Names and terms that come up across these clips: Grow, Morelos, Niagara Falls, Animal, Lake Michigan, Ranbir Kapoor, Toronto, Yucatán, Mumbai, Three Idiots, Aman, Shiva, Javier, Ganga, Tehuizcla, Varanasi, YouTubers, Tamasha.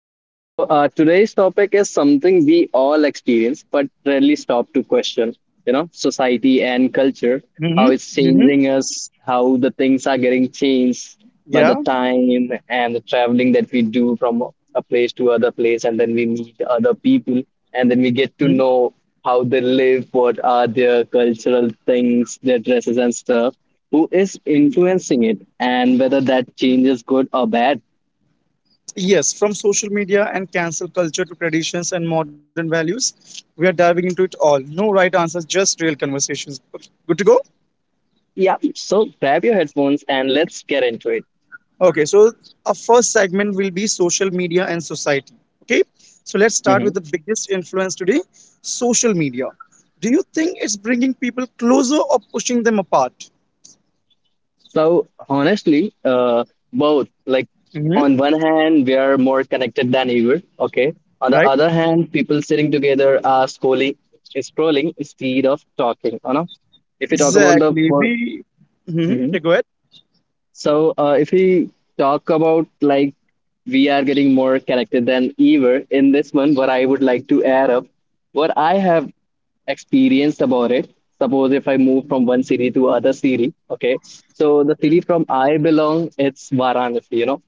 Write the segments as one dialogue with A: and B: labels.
A: Okay, today's topic is something we all experience but rarely stop to question, you know, society and culture, how
B: Mm-hmm.
A: it's
B: Mm-hmm.
A: changing us, how the things are getting changed by the
B: Yeah.
A: time and the traveling that we do from a place to other place, and then we meet other people, and then we get to
B: Mhm.
A: know how they live, what are their cultural things, their dresses and stuff, who is
B: Mm.
A: influencing it, and whether that change is good or bad.
B: Yes, from social media and cancel culture to traditions and modern values, we are diving into it all. No right answers, just real conversations. Okay, good to go?
A: Yeah, so grab your headphones and let's get into it.
B: Okay, so our first segment will be social media and society. Okay, so let's start
A: Hmm.
B: with the biggest influence today, social media. Do you think it's bringing people closer or pushing them apart?
A: So honestly, both, like,
B: Hmm.
A: on one hand, we are more connected than ever. Okay. On
B: Right?
A: the other hand, people sitting together are scrolling, scrolling instead of talking. You know, if you talk about the
B: Exactly. We, hmm
A: hmm
B: yeah, go ahead.
A: so if we talk about like we are getting more connected than ever in this one, what I would like to add up, what I have experienced about it. Suppose if I move from one city to other city, okay. So the city
B: Mhm.
A: from I belong, it's Varanasi, you know,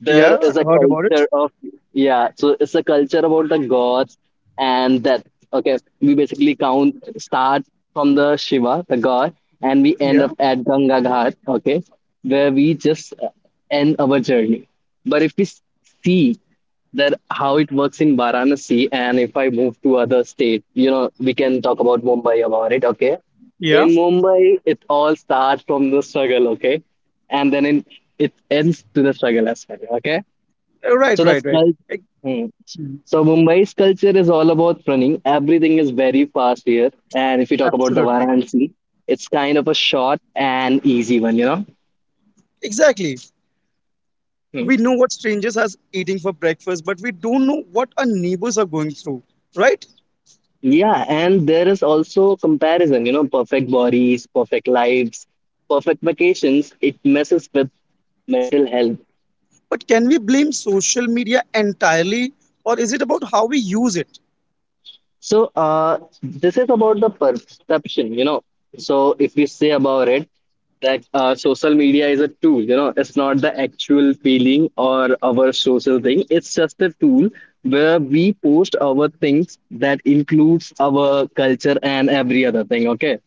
A: there
B: Yeah,
A: is
B: I
A: a
B: heard about it.
A: culture of, yeah, so it's a culture about the gods and that. Okay, we basically count start from the Shiva the god, and we end
B: Yeah,
A: up at Ganga Ghat, okay, where we just end our journey. But if we see that how it works in Varanasi, and if I move to other state, you know, we can talk about Mumbai about it. Okay,
B: yeah.
A: in Mumbai, it all starts from the struggle, okay? And it ends to the struggle as well, okay?
B: Right,
A: So the
B: right, right.
A: cult,
B: Ex-
A: hmm.
B: Mhm.
A: so Mumbai's culture is all about running. Everything is very fast here. And if you talk about the
B: Absolutely.
A: Varanasi, it's kind of a short and easy one, you know?
B: Exactly.
A: Hmm.
B: We know what strangers are eating for breakfast, but we don't know what our neighbors are going through. Right?
A: Yeah, and there is also comparison, you know, perfect bodies, perfect lives, perfect vacations. It messes with mental health.
B: But can we blame social media entirely, or is it about how we use it?
A: So this is about the perception, you know. So if we say about it, that social media is a tool, you know, it's not the actual feeling or our social thing. It's just a tool where we post our things that includes our culture and every other thing. Okay.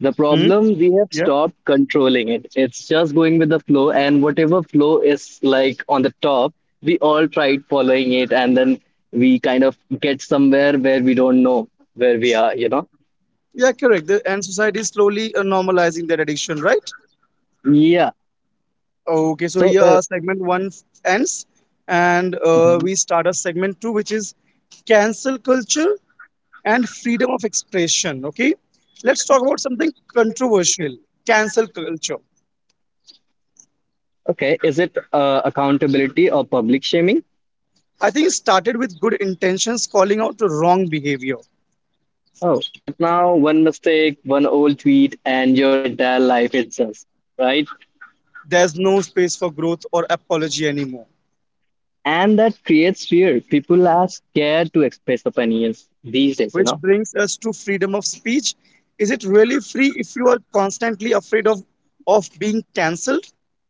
A: The
B: Hmm?
A: problem, we have
B: Yeah.
A: stopped controlling it. It's just going with the flow, and whatever flow is like on the top, we all tried following it, and then we kind of get somewhere where we don't know where we are, you know?
B: Yeah, correct. And society is slowly normalizing that addiction, right?
A: Yeah.
B: Okay, so
A: So,
B: here
A: uh,
B: our segment one ends, and
A: Mhm.
B: we start our segment two, which is cancel culture and freedom of expression. Okay, let's talk about something controversial, cancel culture.
A: Okay, is it accountability or public shaming?
B: I think it started with good intentions, calling out the wrong behavior.
A: Oh, but now one mistake, one old tweet, and your entire life is itself, right?
B: There's no space for growth or apology anymore,
A: And that creates fear. People are scared to express opinions these days, you
B: which
A: know?
B: brings us to freedom of speech. Is it really free if you are constantly afraid of being cancelled?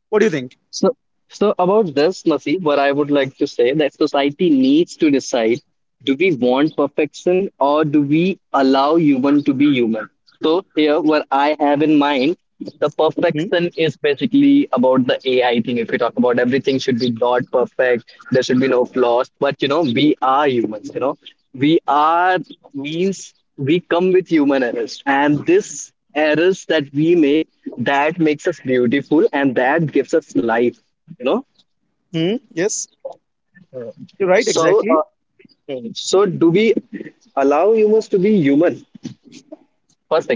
B: What do you think?
A: So, so about this, Nasi, what I would like to say that society needs to decide: do we want perfection, or do we allow human to be human? So here, what I have in mind, the
B: Hmm?
A: perfection is basically about the AI thing. If we talk about everything should be dot perfect, there should be no flaws. But you know, we are humans, you know. We are, means we come with human errors. And this errors that we make, that makes us beautiful and that gives us life, you know.
B: Hmm? Yes, you're right,
A: So
B: exactly.
A: do we allow humans to be human? First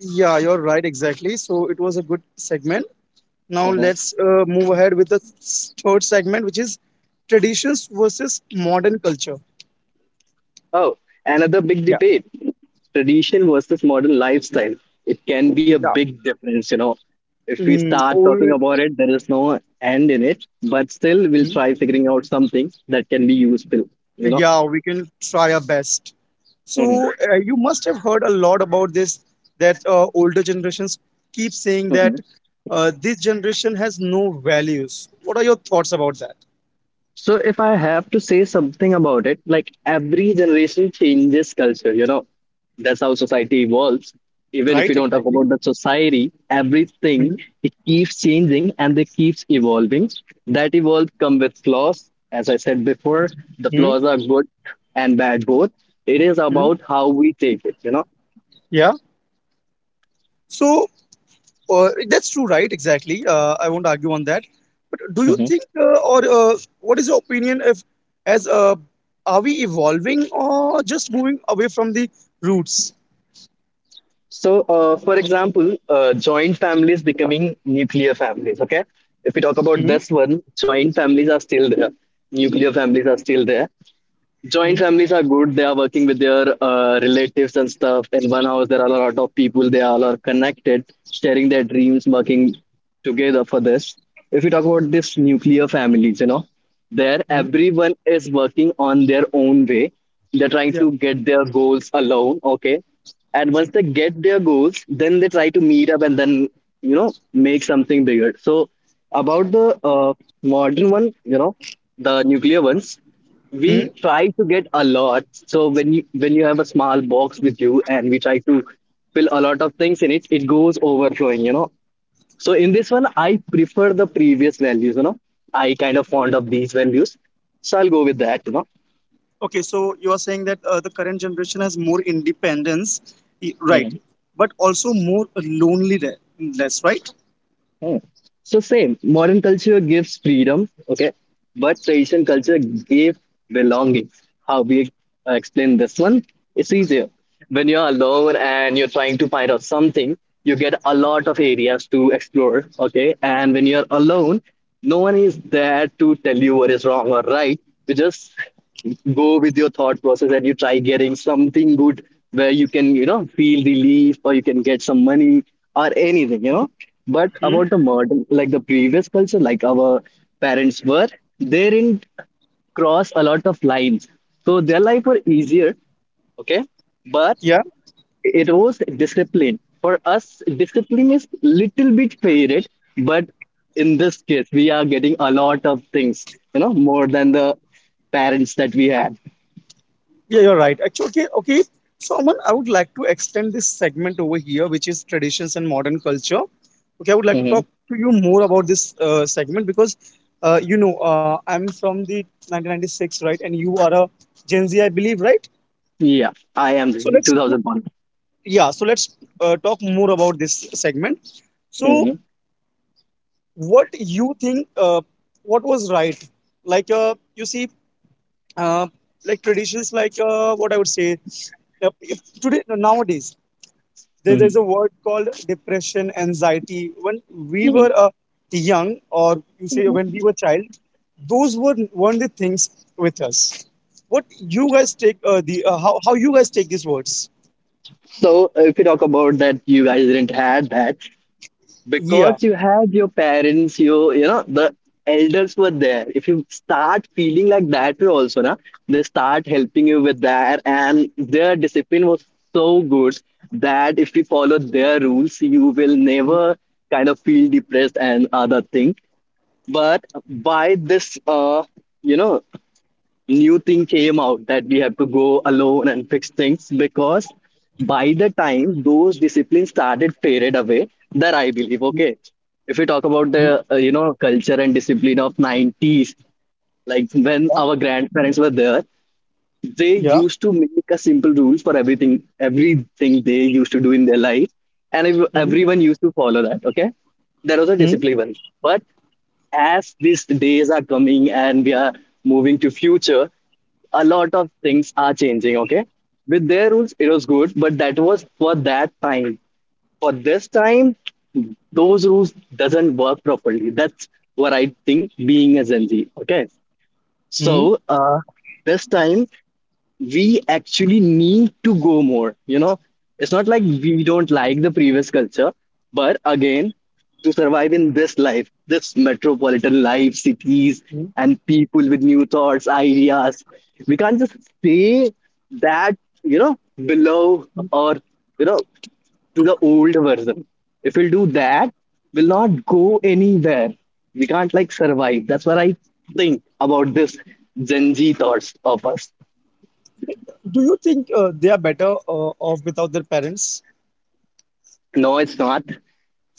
B: Yeah, you're right, exactly. So it was a good segment. Now
A: thing.
B: let's move ahead with the third segment, which is traditions versus modern culture.
A: Oh, another big
B: Yeah,
A: debate, tradition versus modern lifestyle. It can be a
B: yeah.
A: big difference, you know. If we
B: Mm,
A: start
B: old.
A: talking about it, there is no end in it, but still, we'll try figuring out something that can be useful, you know.
B: Yeah, we can try our best. So you must have heard a lot about this that older generations keep saying
A: Mhm.
B: that this generation has no values. What are your thoughts about that?
A: So if I have to say something about it, like every generation changes culture, you know, that's how society evolves. Even if
B: Right,
A: you don't talk
B: exactly.
A: about the society, everything,
B: Mhm,
A: it keeps changing and it keeps evolving. That evolve come with flaws. As I said before, the
B: mhm,
A: flaws are good and bad both. It is
B: mhm.
A: about how we take it, you
B: Yeah. So that's true, right? Exactly. I won't argue on that. But do you
A: know.
B: think, or what is your opinion, if as are we evolving or just moving away from the roots?
A: So, for example, joint families becoming nuclear families. Okay, if we talk about
B: Mhm,
A: this one, joint families are still there, nuclear families are still there. Joint
B: mhm,
A: families are good. They are working with their relatives and stuff. In one house, there are a lot of people. They all are connected, sharing their dreams, working together for this. If we talk about this nuclear families, you know, there
B: mhm.
A: everyone is working on their own way. They're trying
B: Yeah.
A: to get their goals alone. Okay, and once they get their goals, then they try to meet up, and then, you know, make something bigger. So about the modern one, you know, the nuclear ones, we try to get a lot. So when you have a small box with you, and we try to fill a lot of things in it, it goes overflowing, you know. So in this one, I prefer the previous values, you know. I kind of fond of these values, so I'll go with that, you
B: Okay, so you are saying that the current generation has more independence,
A: know.
B: right? But also more loneliness, right?
A: Hmm. So same, modern culture gives freedom, okay, but tradition culture gave belonging. How we explain this one? It's easier. When you're alone and you're trying to find out something, you get a lot of areas to explore, okay. And when you're alone, no one is there to tell you what is wrong or right. You just go with your thought process and you try getting something good where you can, you know, feel relief, or you can get some money or anything, you know. But
B: Hmm?
A: about the modern, like the previous culture, like our parents were, they didn't cross a lot of lines. So their life were easier, okay? But
B: Yeah,
A: it was discipline. For us, discipline is little bit faded, but in this case, we are getting a lot of things, you know, more than the parents that we had.
B: yeah, you're right. Actually, okay, okay. So, Aman, I would like to extend this segment over here, which is traditions and modern culture. Okay, I would like to
A: Hmm.
B: talk to you more about this segment because, I'm from the 1996, right? And you are a Gen Z, I believe, right?
A: Yeah, I am
B: So let's,
A: 2001.
B: yeah. So let's talk more about this segment. So
A: Hmm.
B: what you think what was right, like you see uh, like traditions, like what I would say, if today, nowadays,
A: hmm
B: there's a word called depression, anxiety. When we
A: hmm
B: were young, or you say when we were child, those weren't the things with us. What you guys take, the how you guys take these words?
A: So if you talk about that, you guys didn't had that,
B: Yeah.
A: because you had your parents. You know, the elders were there. If you start feeling like that way also, na, they start helping you with that. And their discipline was so good that if you follow their rules, you will
B: Mm,
A: never kind of feel depressed and other thing. But by this, you know, new thing came out that we have to go alone and fix things, because by the time those disciplines started faded away, that I believe.
B: mm,
A: Okay, if we talk about the
B: mm,
A: you know, culture and discipline of 90s, like when
B: yeah,
A: our grandparents were there, they
B: yeah,
A: used to make a simple rules for everything, everything they used to do in their life, and everyone used to follow that. Okay, there was a
B: mm-hmm.
A: discipline. But as these days are coming, and we are moving to future, a lot of things are changing. Okay, with their rules, it was good, but that was for that time. For this time, those rules doesn't work properly. That's what I think, being a Gen Z. Okay, so this time, we actually need to go more, you know. It's not like we don't like the previous culture, but again, to survive in this life, this metropolitan life, cities, and people with new thoughts, ideas, we can't just stay that, you know, below, or, you know, to the old version. If we'll do that, we'll not go anywhere. We can't like survive. That's what I think about this Gen Z thoughts of us.
B: Do you think they are better off without their parents?
A: No, it's not.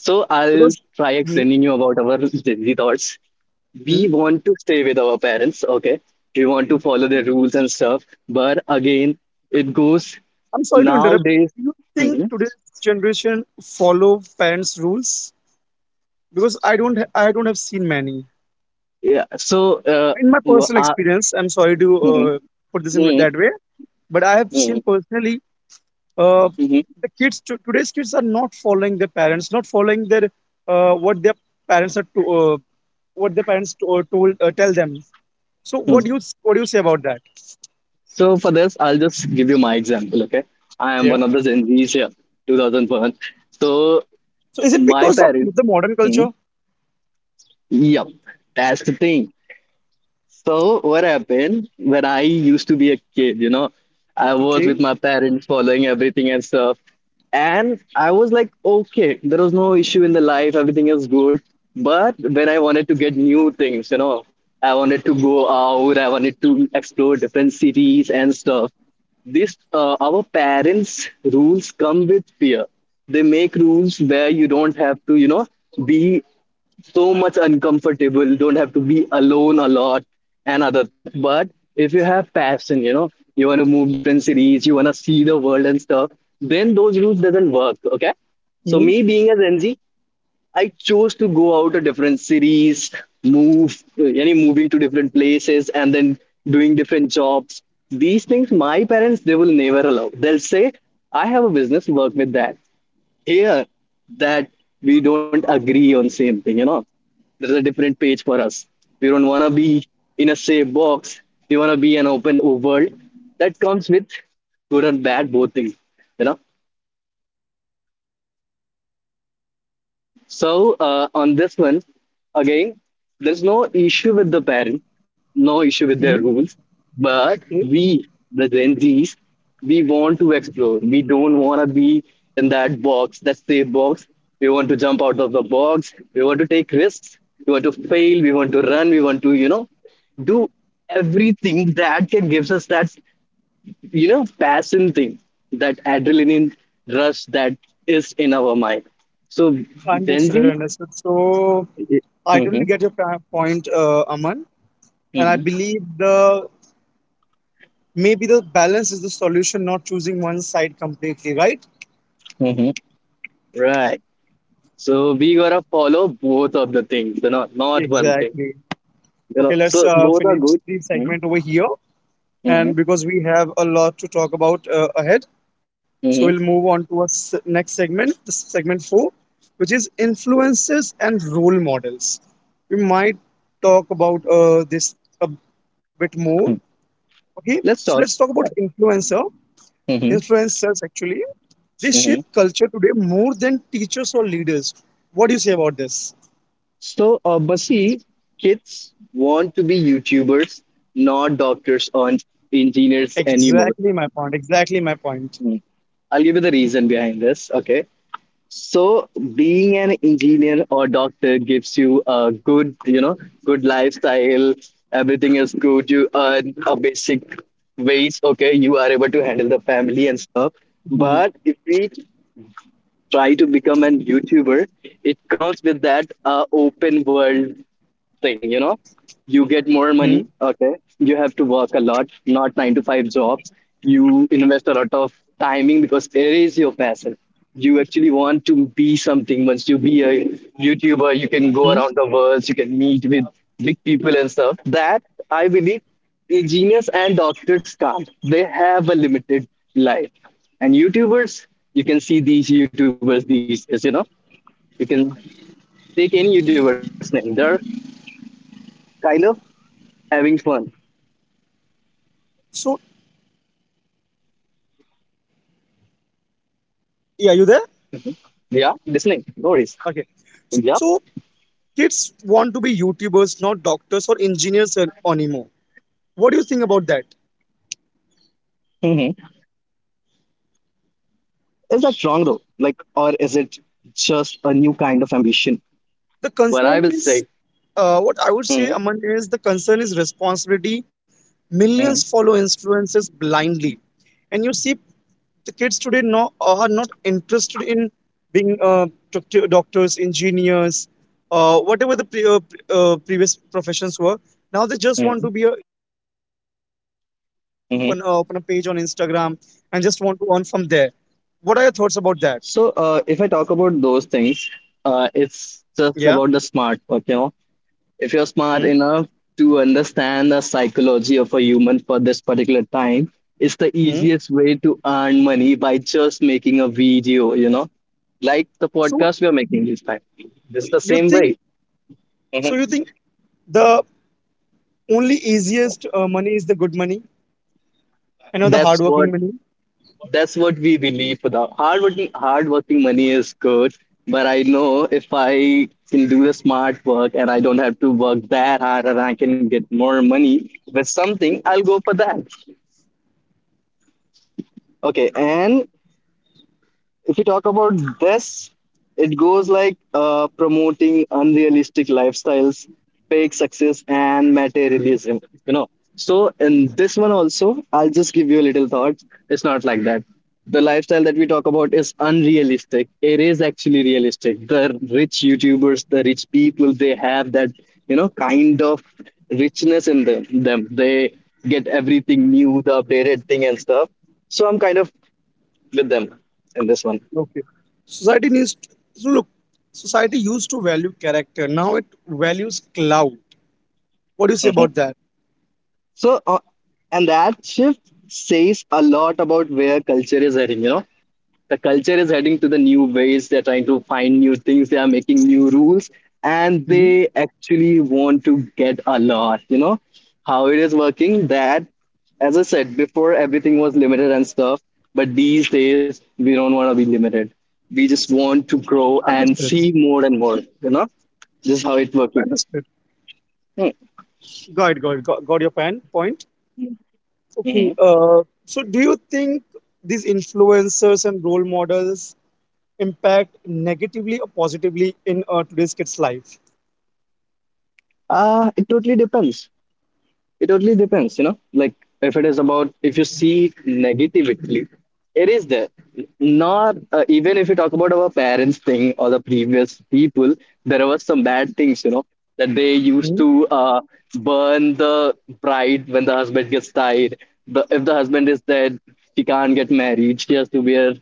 A: So I'll
B: Because
A: try
B: hmm,
A: explaining you about our Gen Z thoughts. We
B: hmm,
A: want to stay with our parents, okay? We want to follow their rules and stuff. But again, it goes
B: I'm sorry to interrupt.
A: nowadays.
B: Do you think
A: Mhm.
B: today's generation follow parents' rules? Because I don't, I don't have seen many.
A: Yeah. So, uh,
B: In my
A: w-
B: personal
A: uh,
B: experience, I'm sorry to
A: mhm.
B: put this in
A: mhm,
B: that way, but I have seen
A: mhm,
B: personally uh,
A: mhm,
B: today's kids are not following their parents, not following their what their parents are to what their parents to, told tell them. So what
A: mhm.
B: do you what do you say about that?
A: So for this, I'll just give you my example, okay? I am
B: Yeah.
A: one of the Gen Zs here, 2001. So
B: So is it
A: my
B: because of
A: parents,
B: the modern
A: mhm,
B: culture?
A: yep, that's the thing. So what happened, when I used to be a kid, you know, I was
B: Okay.
A: with my parents following everything and stuff. And I was like, okay, there was no issue in the life, everything is good. But when I wanted to get new things, you know, I wanted to go out, I wanted to explore different cities and stuff. This our parents' rules come with fear. They make rules where you don't have to, you know, be so much uncomfortable, don't have to be alone a lot, and other things. But if you have passion, you know, you want to move different cities, you want to see the world and stuff, then those routes doesn't work. Okay, so
B: Hmm.
A: me being a Gen Z, I chose to go out to different cities, move, any moving to different places, and then doing different jobs. These things, my parents, they will never allow. They'll say, "I have a business, work with that." here that We don't agree on same thing. There's a different page for us. We don't want to be in a safe box. We want to be an open world. That comes with good and bad both things you know on this one, again, there's no issue with the parent, no issue with their
B: Hmm.
A: rules, but
B: Okay.
A: we, the Gen Zs, we want to explore. We don't want to be in that box, that safe box. We want to jump out of the box. We want to take risks. We want to fail. We want to run. We want to, do everything that can gives us that, passion thing, that adrenaline rush that is in our mind. So Gen
B: Understood.
A: Z.
B: Understood. So I totally
A: Mm-hmm,
B: get your point, Aman, and I
A: mm-hmm,
B: believe the maybe the balance is the solution, not choosing one side completely, right?
A: mm-hmm. Right. So we gotta follow both of the things, not one thing.
B: Exactly.
A: You know,
B: Okay, let's
A: so both are
B: finish
A: good.
B: the
A: Mm-hmm,
B: segment over here,
A: mm-hmm,
B: and because we have a lot to talk about ahead. So we'll
A: mm-hmm.
B: move on to our next segment, the segment four, which is influences and role models. We might talk about this a bit more.
A: Hmm.
B: Okay,
A: Let's
B: so let's
A: talk.
B: talk about influencer.
A: Mm-hmm,
B: Influencers actually, they shape
A: mm-hmm.
B: culture today more than teachers or leaders. What do you say about this?
A: Basi, kids want to be YouTubers, not doctors or engineers anymore.
B: Exactly my point. Exactly my point.
A: Mm. I'll give you the reason behind this. Okay. So being an engineer or doctor gives you a good, good lifestyle. Everything is good. You earn a basic wage. Okay, you are able to handle the family and stuff.
B: Hmm.
A: But if we try to become an YouTuber, it comes with that open world thing. You get more
B: Hmm.
A: money, okay. You have to work a lot, not 9 to 5 jobs. You invest a lot of timing because it is your passion. You actually want to be something. Once you be a youtuber, you can
B: Hmm.
A: go around the world. You can meet with big people and stuff that I believe engineers and doctors can't. They have a limited life. And youtubers, you can see these youtubers these days. You can take any youtuber's name, they're kind of having fun.
B: So yeah, you there?
A: Yeah, listening. No worries.
B: Okay.
A: Yeah.
B: So kids want to be YouTubers, not doctors or engineers anymore. What do you think about that?
A: Hmm. Is that wrong though? Like, or is it just a new kind of ambition?
B: The concern
A: What
B: is
A: I will say,
B: What I would say, Aman, is the
A: hmm.
B: concern is responsibility. Millions follow
A: Hmm.
B: influences blindly, and you see the kids today, no, are not interested in being doctors, engineers, whatever the previous professions were. Now they just want to be a
A: Hmm.
B: YouTuber or open a page on
A: Hmm.
B: Instagram and just want to earn from there. What are your thoughts about that?
A: If I talk about those things, it's
B: Yeah.
A: just about the smart work, you know. If you're smart enough to understand the psychology of a human for this particular time, it's the
B: Mm-hmm.
A: easiest way to earn money by just making a video, you know, like the
B: So
A: podcast we are making this time. It's the
B: you
A: same
B: think
A: way.
B: so? You think The only easiest money is the good money, the
A: That's what
B: hardworking money.
A: that's what we believe. For the hard working money is good, but I know if I can do the smart work and I don't have to work that hard and I can get more money with something, I'll go for that. Okay, and if you talk about this, it goes like promoting unrealistic lifestyles, fake success, and materialism. You know, so in this one also, I'll just give you a little thought. It's not like that. The lifestyle that we talk about is unrealistic. It is actually realistic. The rich YouTubers, the rich people, they have that, you know, kind of richness in them. They get everything new, the updated thing and stuff. So I'm kind of with them in this one.
B: Okay. Society needs to, so look, society used to value character. Now it values clout. What do you say about that?
A: So, uh, and that shift says a lot about where culture is heading. You know, the culture is heading to the new ways. They're trying to find new things. They are making new rules, and
B: Hmm.
A: they actually want to get a lot. You know, how it is working. That, as I said before, everything was limited and stuff. But these days, we don't want to be limited. We just want to grow and
B: Understood.
A: see more and more. You know, this is how it's working.
B: Understood.
A: Hmm.
B: Got it, got it, got your point. Okay. So do you think these influencers and role models impact negatively or positively in today's kids' life?
A: It totally depends. It totally depends, you know. Like if it is about, if you see it negatively, it is there. Not even if you talk about our parents thing or the previous people, there was some bad things, you know, that they used
B: Hmm.
A: to burn the bride when the husband gets died. If the husband is dead, she can't get married. She has to wear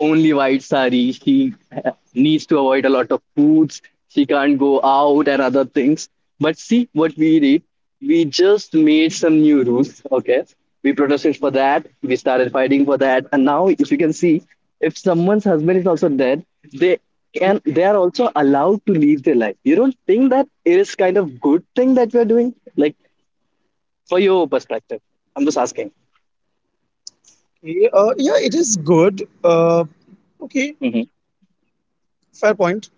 A: only white sari. She needs to avoid a lot of foods. She can't go out and other things. But see what we did. We just made some new rules. Okay. We protested for that. We started fighting for that. And now, if you can see, if someone's husband is also dead, they they are also allowed to live their life. You don't think that it is kind of good thing that we're doing? Like for your perspective. I'm just asking.
B: Okay, yeah, it is good. Okay, fair point.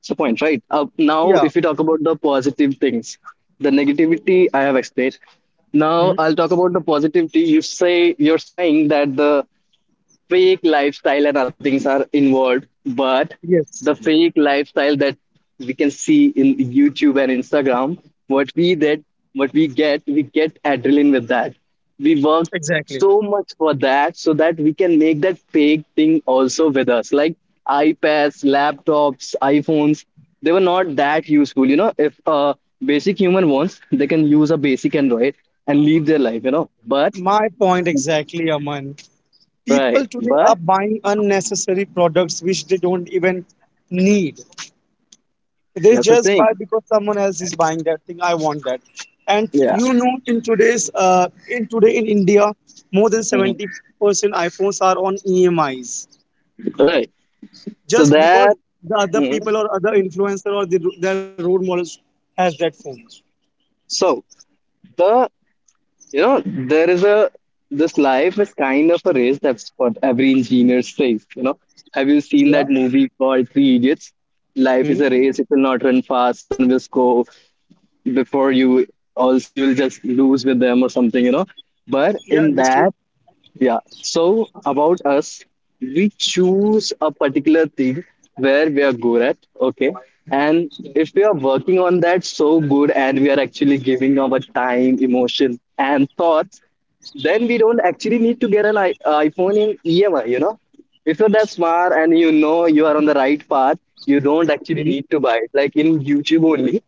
A: It's the point, right? Now,
B: Yeah.
A: if we talk about the positive things, the negativity I have explained. Now,
B: Hmm.
A: I'll talk about the positivity. You're saying that the fake lifestyle and other things are involved, but
B: Yes.
A: the fake lifestyle that we can see in youtube and instagram, what we that what we get, we get adrenaline with that. We work
B: Exactly.
A: so much for that, so that we can make that fake thing also with us, like ipads, laptops, iphones. They were not that useful, you know. If a basic human wants, they can use a basic android and live their life, you know, but
B: My point exactly, Aman. People
A: right
B: today are
A: but
B: buying unnecessary products which they don't even need. They
A: that's a
B: just
A: thing.
B: buy because someone else is buying that thing. I want that. And
A: Yeah.
B: in today in India, more than 70% iPhones are on EMIs
A: Right. So
B: just because
A: that,
B: the other
A: mhm.
B: people or other influencer or their role models has that phone.
A: So the, you know, there is a, this life is kind of a race. That's what every engineer says. You know, have you seen
B: Yeah.
A: that movie called Three Idiots? Life
B: Hmm.
A: is a race. It will not run fast. Someone will score before you. Also, you will just lose with them or something. You know. But
B: Yeah.
A: in that,
B: Understood.
A: yeah. So about us, we choose a particular thing where we are good at. Okay. And if we are working on that so good and we are actually giving our time, emotion, and thoughts, then we don't actually need to get an iPhone in EMI, you know? If you're that smart and you know you are on the right path, you don't actually
B: Hmm.
A: need to buy it. Like in YouTube only,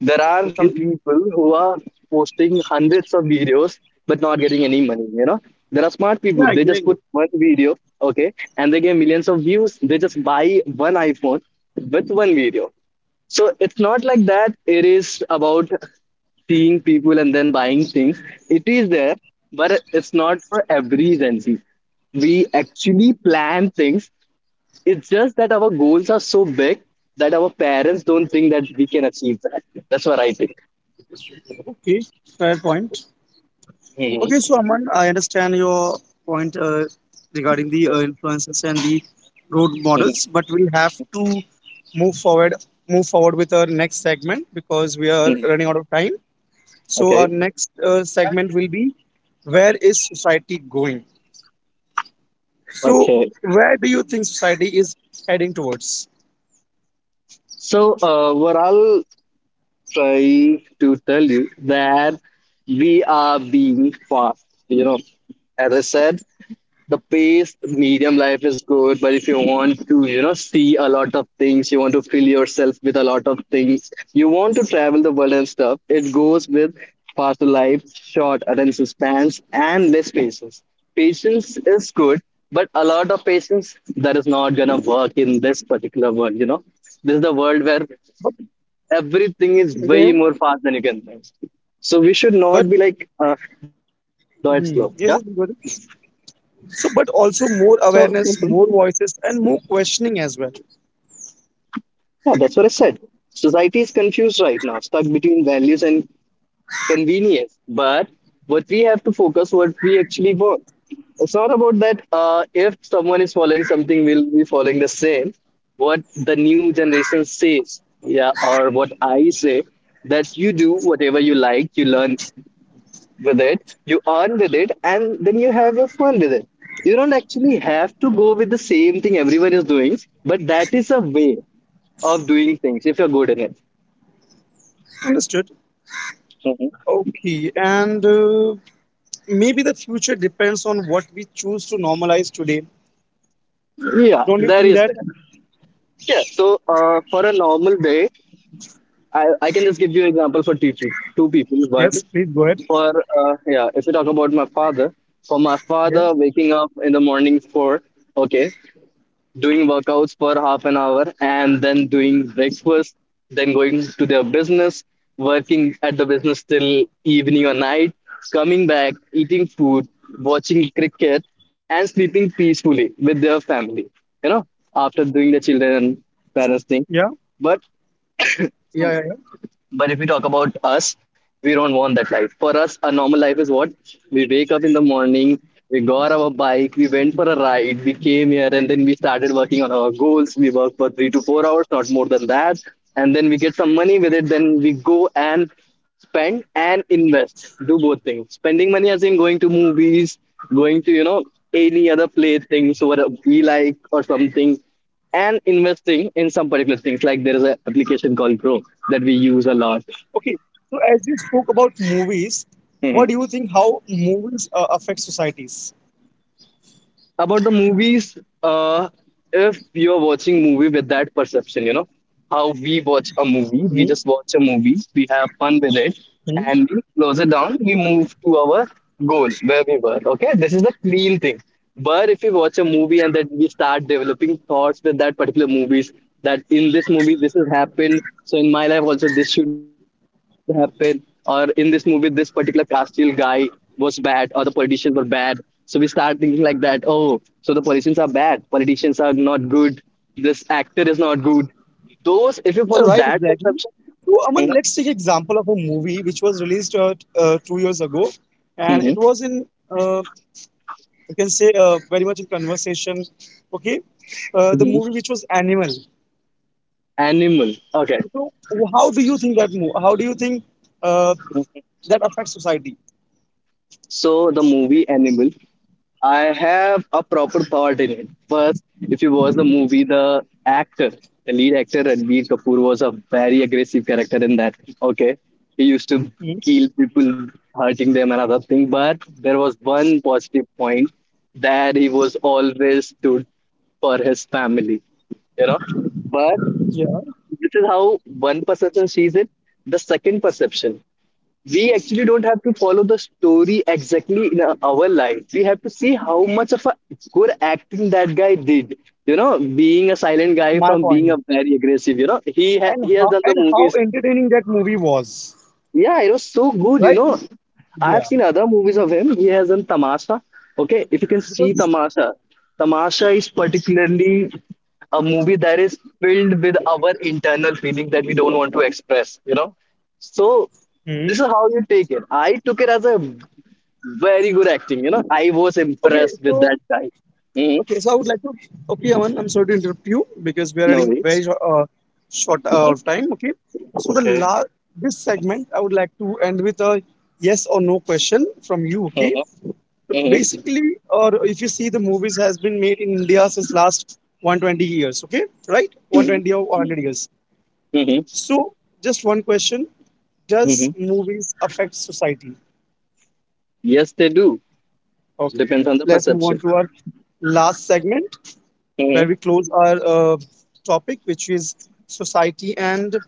A: there are
B: Okay.
A: some people who are posting hundreds of videos but not getting any money. You know, there are smart
B: Yeah,
A: people. They just
B: exactly.
A: put one video, okay, and they get millions of views. They just buy one iPhone with one video. So it's not like that. It is about seeing people and then buying things. It is there, but it's not for every Gen Z. We actually plan things. It's just that our goals are so big that our parents don't think that we can achieve that. That's what I think.
B: Okay, fair point. Okay,
A: Mhm.
B: so Aman, I understand your point regarding the influences and the road models, but we'll have to move forward, move forward with our next segment because we are running out of time. So
A: Okay.
B: our next segment will be, where is society going? So
A: Okay.
B: where do you think society is heading towards?
A: What I'll try to tell you that we are being fast. You know, as I said, the pace medium life is good, but if you want to, you know, see a lot of things, you want to fill yourself with a lot of things, you want to travel the world and stuff, it goes with faster life, short attention spans, and less patience. Patience is good, but a lot of patience, that is not gonna work in this particular world. You know, this is the world where
B: But
A: everything is
B: yeah,
A: way more fast than you can think. So we should
B: but
A: not be like though it's slow, yeah.
B: yes, it's good. So, but also
A: So
B: more awareness, more voices, and more questioning as well.
A: yeah, that's what I said. Society is confused right now, stuck between values and convenience. But what we have to focus what we actually want. It's not about that if someone is following something, we'll be following the same. What the new generation says, yeah, or what I say, that you do whatever you like, you learn with it, you earn with it, and then you have your fun with it. You don't actually have to go with the same thing everyone is doing, but that is a way of doing things if you're good in it.
B: Understood. Okay, and maybe the future depends on what we choose to normalize today.
A: Yeah,
B: Don't you
A: there
B: think
A: is
B: that?
A: that. Yeah. For a normal day, I can just give you example for teaching. Two people. One
B: Yes, please go ahead.
A: for yeah. If we talk about my father, for my father
B: Yeah,
A: waking up in the morning for okay, doing workouts for 1/2 an hour and then doing breakfast, then going to their business, working at the business till evening or night, coming back, eating food, watching cricket, and sleeping peacefully with their family, you know, after doing the children and
B: yeah,
A: parents thing. But
B: yeah, yeah, yeah.
A: sorry. But if we talk about us, we don't want that life. For us, a normal life is what? We wake up in the morning, we got our bike, we went for a ride, we came here, and then we started working on our goals. We work for 3 to 4 hours, not more than that. And then we get some money with it. Then we go and spend and invest. Do both things. Spending money as in going to movies, going to, you know, any other play things what we like or something, and investing in some particular things. Like there is an application called Grow that we use a lot.
B: Okay, so as you spoke about movies,
A: Mhm.
B: what do you think, how movies affect societies?
A: About the movies, uh, if you're watching movie with that perception, you know, how we watch a movie. We
B: Hmm?
A: just watch a movie, we have fun with it,
B: Hmm?
A: and we close it down. We move to our goal where we were. Okay, this is the clean thing. But if we watch a movie and then we start developing thoughts with that particular movies, that in this movie this has happened, so in my life also this should happen, or in this movie this particular Castile guy was bad, or the politicians were bad. So we start thinking like that. Oh, so the politicians are bad. Politicians are not good. This actor is not good. Those, if you
B: Yeah,
A: follow
B: right,
A: that
B: exactly.
A: conception,
B: So,
A: you
B: Aman,
A: know.
B: let's take example of a movie which was released 2 years ago, and
A: Mhm.
B: it was in, uh, you can say, very much in conversation. Okay, the
A: Mhm.
B: movie which was Animal.
A: Animal. Okay.
B: So how do you think, that move how do you think uh, that affects society?
A: So the movie Animal, I have a proper thought in it. First, if you watch the movie, the actor, the lead actor Ranbir Kapoor was a very aggressive character in that. Okay, he used to
B: Hmm.
A: kill people, hurting them and other thing. But there was one positive point that he was always stood for his family. You know, but
B: Yeah,
A: this is how one perception sees it. The second perception, we actually don't have to follow the story exactly in our life. We have to see how much of a good acting that guy did, you know, being a silent
B: my
A: guy from
B: point.
A: being a very aggressive, you know,
B: And
A: he has done the
B: how
A: movies.
B: entertaining that movie was,
A: Yeah, it was so good, you
B: right,
A: know. I have
B: yeah,
A: seen other movies of him. He has done Tamasha. Okay, if you can see
B: because.
A: Tamasha, Tamasha is particularly a movie that is filled with our internal feelings that we don't want to express, you know. So
B: Hmm.
A: this is how you take it. I took it as a very good acting, you know. I was
B: Okay,
A: impressed with
B: so.
A: that guy. Hmm.
B: Okay, so I would like to. Okay, Aman, I'm sorry to interrupt you because we are
A: No
B: running
A: worries.
B: very short, time. Okay, so the la this segment I would like to end with a yes or no question from you. Okay, basically,
A: Hmm.
B: or if you see the movies has been made in India since last 120 years. Okay, right, 120
A: Hmm.
B: or 100 years.
A: Hmm.
B: So just one question: does
A: Hmm.
B: movies affect society?
A: Yes, they do.
B: Okay,
A: Depends on the
B: let's move
A: perception.
B: on to our last segment, where
A: Hmm.
B: we close our topic, which is society and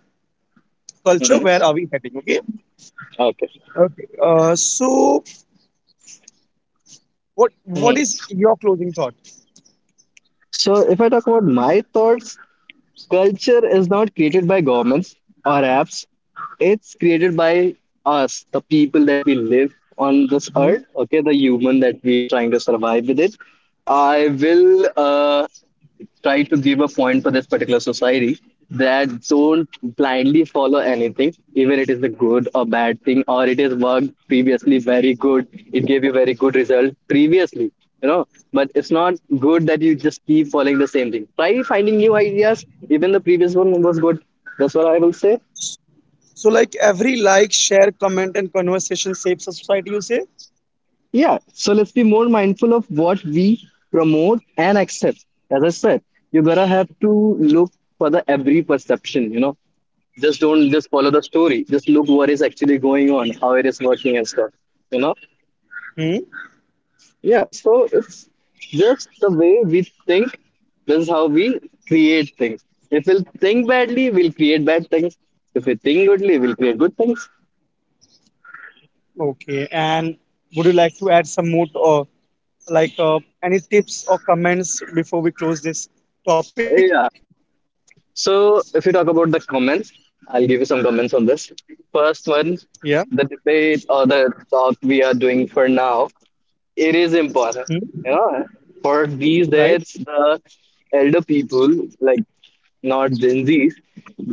B: culture.
A: Hmm.
B: Where are we heading? Okay.
A: Okay.
B: Okay. So, what
A: Mm-hmm.
B: is your closing thought?
A: So, if I talk about my thoughts, culture is not created by governments or apps. It's created by us, the people that we live on this
B: Hmm.
A: earth. Okay, the human that we are trying to survive with it. I will. Try to give a point for this particular society that don't blindly follow anything, even it is a good or bad thing, or it has worked previously very good, it gave you very good result previously, you know. But it's not good that you just keep following the same thing. Try finding new ideas. Even the previous one was good. That's what I will say.
B: So, like every like, share, comment, and conversation shapes a society. You say.
A: Yeah. So let's be more mindful of what we promote and accept. As I said, you gotta have to look for the every perception, you know. Just don't just follow the story, just look what is actually going on, how it is working and stuff, you know.
B: Hmm.
A: Yeah, so it's just the way we think. This is how we create things. If we'll think badly, we'll create bad things. If we think goodly, we'll create good things.
B: Okay. And would you like to add some more, like any tips or comments before we close this topic?
A: Yeah, so if you talk about the comments, I'll give you some comments on this. First
B: Yeah.
A: one, the debate or the talk we are doing for now, it is important,
B: Hmm.
A: you know. For these
B: Right.
A: days, the elder people, like not Gen Zs,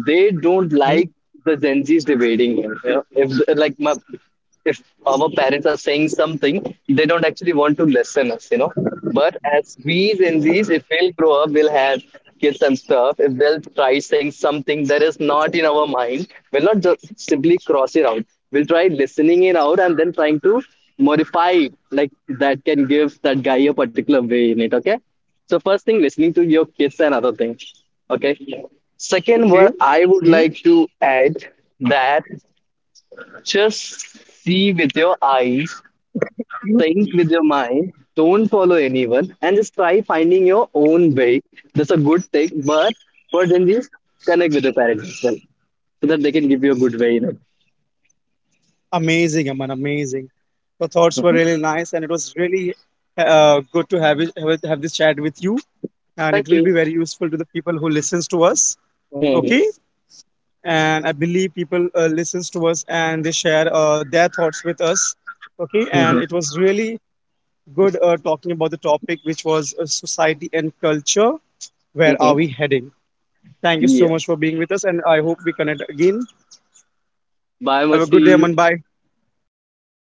A: they don't
B: Hmm.
A: like the Gen Zs debating them. You know? If like my, If our parents are saying something, they don't actually want to listen us, you know. But as we Gen Zs, if we'll grow up, we'll have kids and stuff. If they'll try saying something that is not in our mind, we'll not just simply cross it out. We'll try listening it out and then trying to modify it, like that can give that guy a particular way in it. Okay, so first thing, listening to your kids and other things. Okay.
B: Okay.
A: Second, what
B: Hmm.
A: I would like to add that just see with your eyes, think with your mind, don't follow anyone, and just try finding your own way. That's a good thing. But for Gen Zs, connect with the parents as well, so that they can give you a good way. You
B: Amazing, Aman, amazing. Your thoughts
A: know?
B: were really nice, and it was really good to have, it, have this chat with you. And it
A: Thank
B: will
A: you.
B: be very useful to the people who listens to us. Okay, and I believe people listens to us and they share their thoughts with us. Okay, and it was really good talking about the topic, which was society and culture. Where are we heading? Thank you
A: Yeah.
B: so much for being with us, and I hope we connect again.
A: Bye,
B: Have a good day,
A: Masti.
B: Aman. Bye.
A: Bye.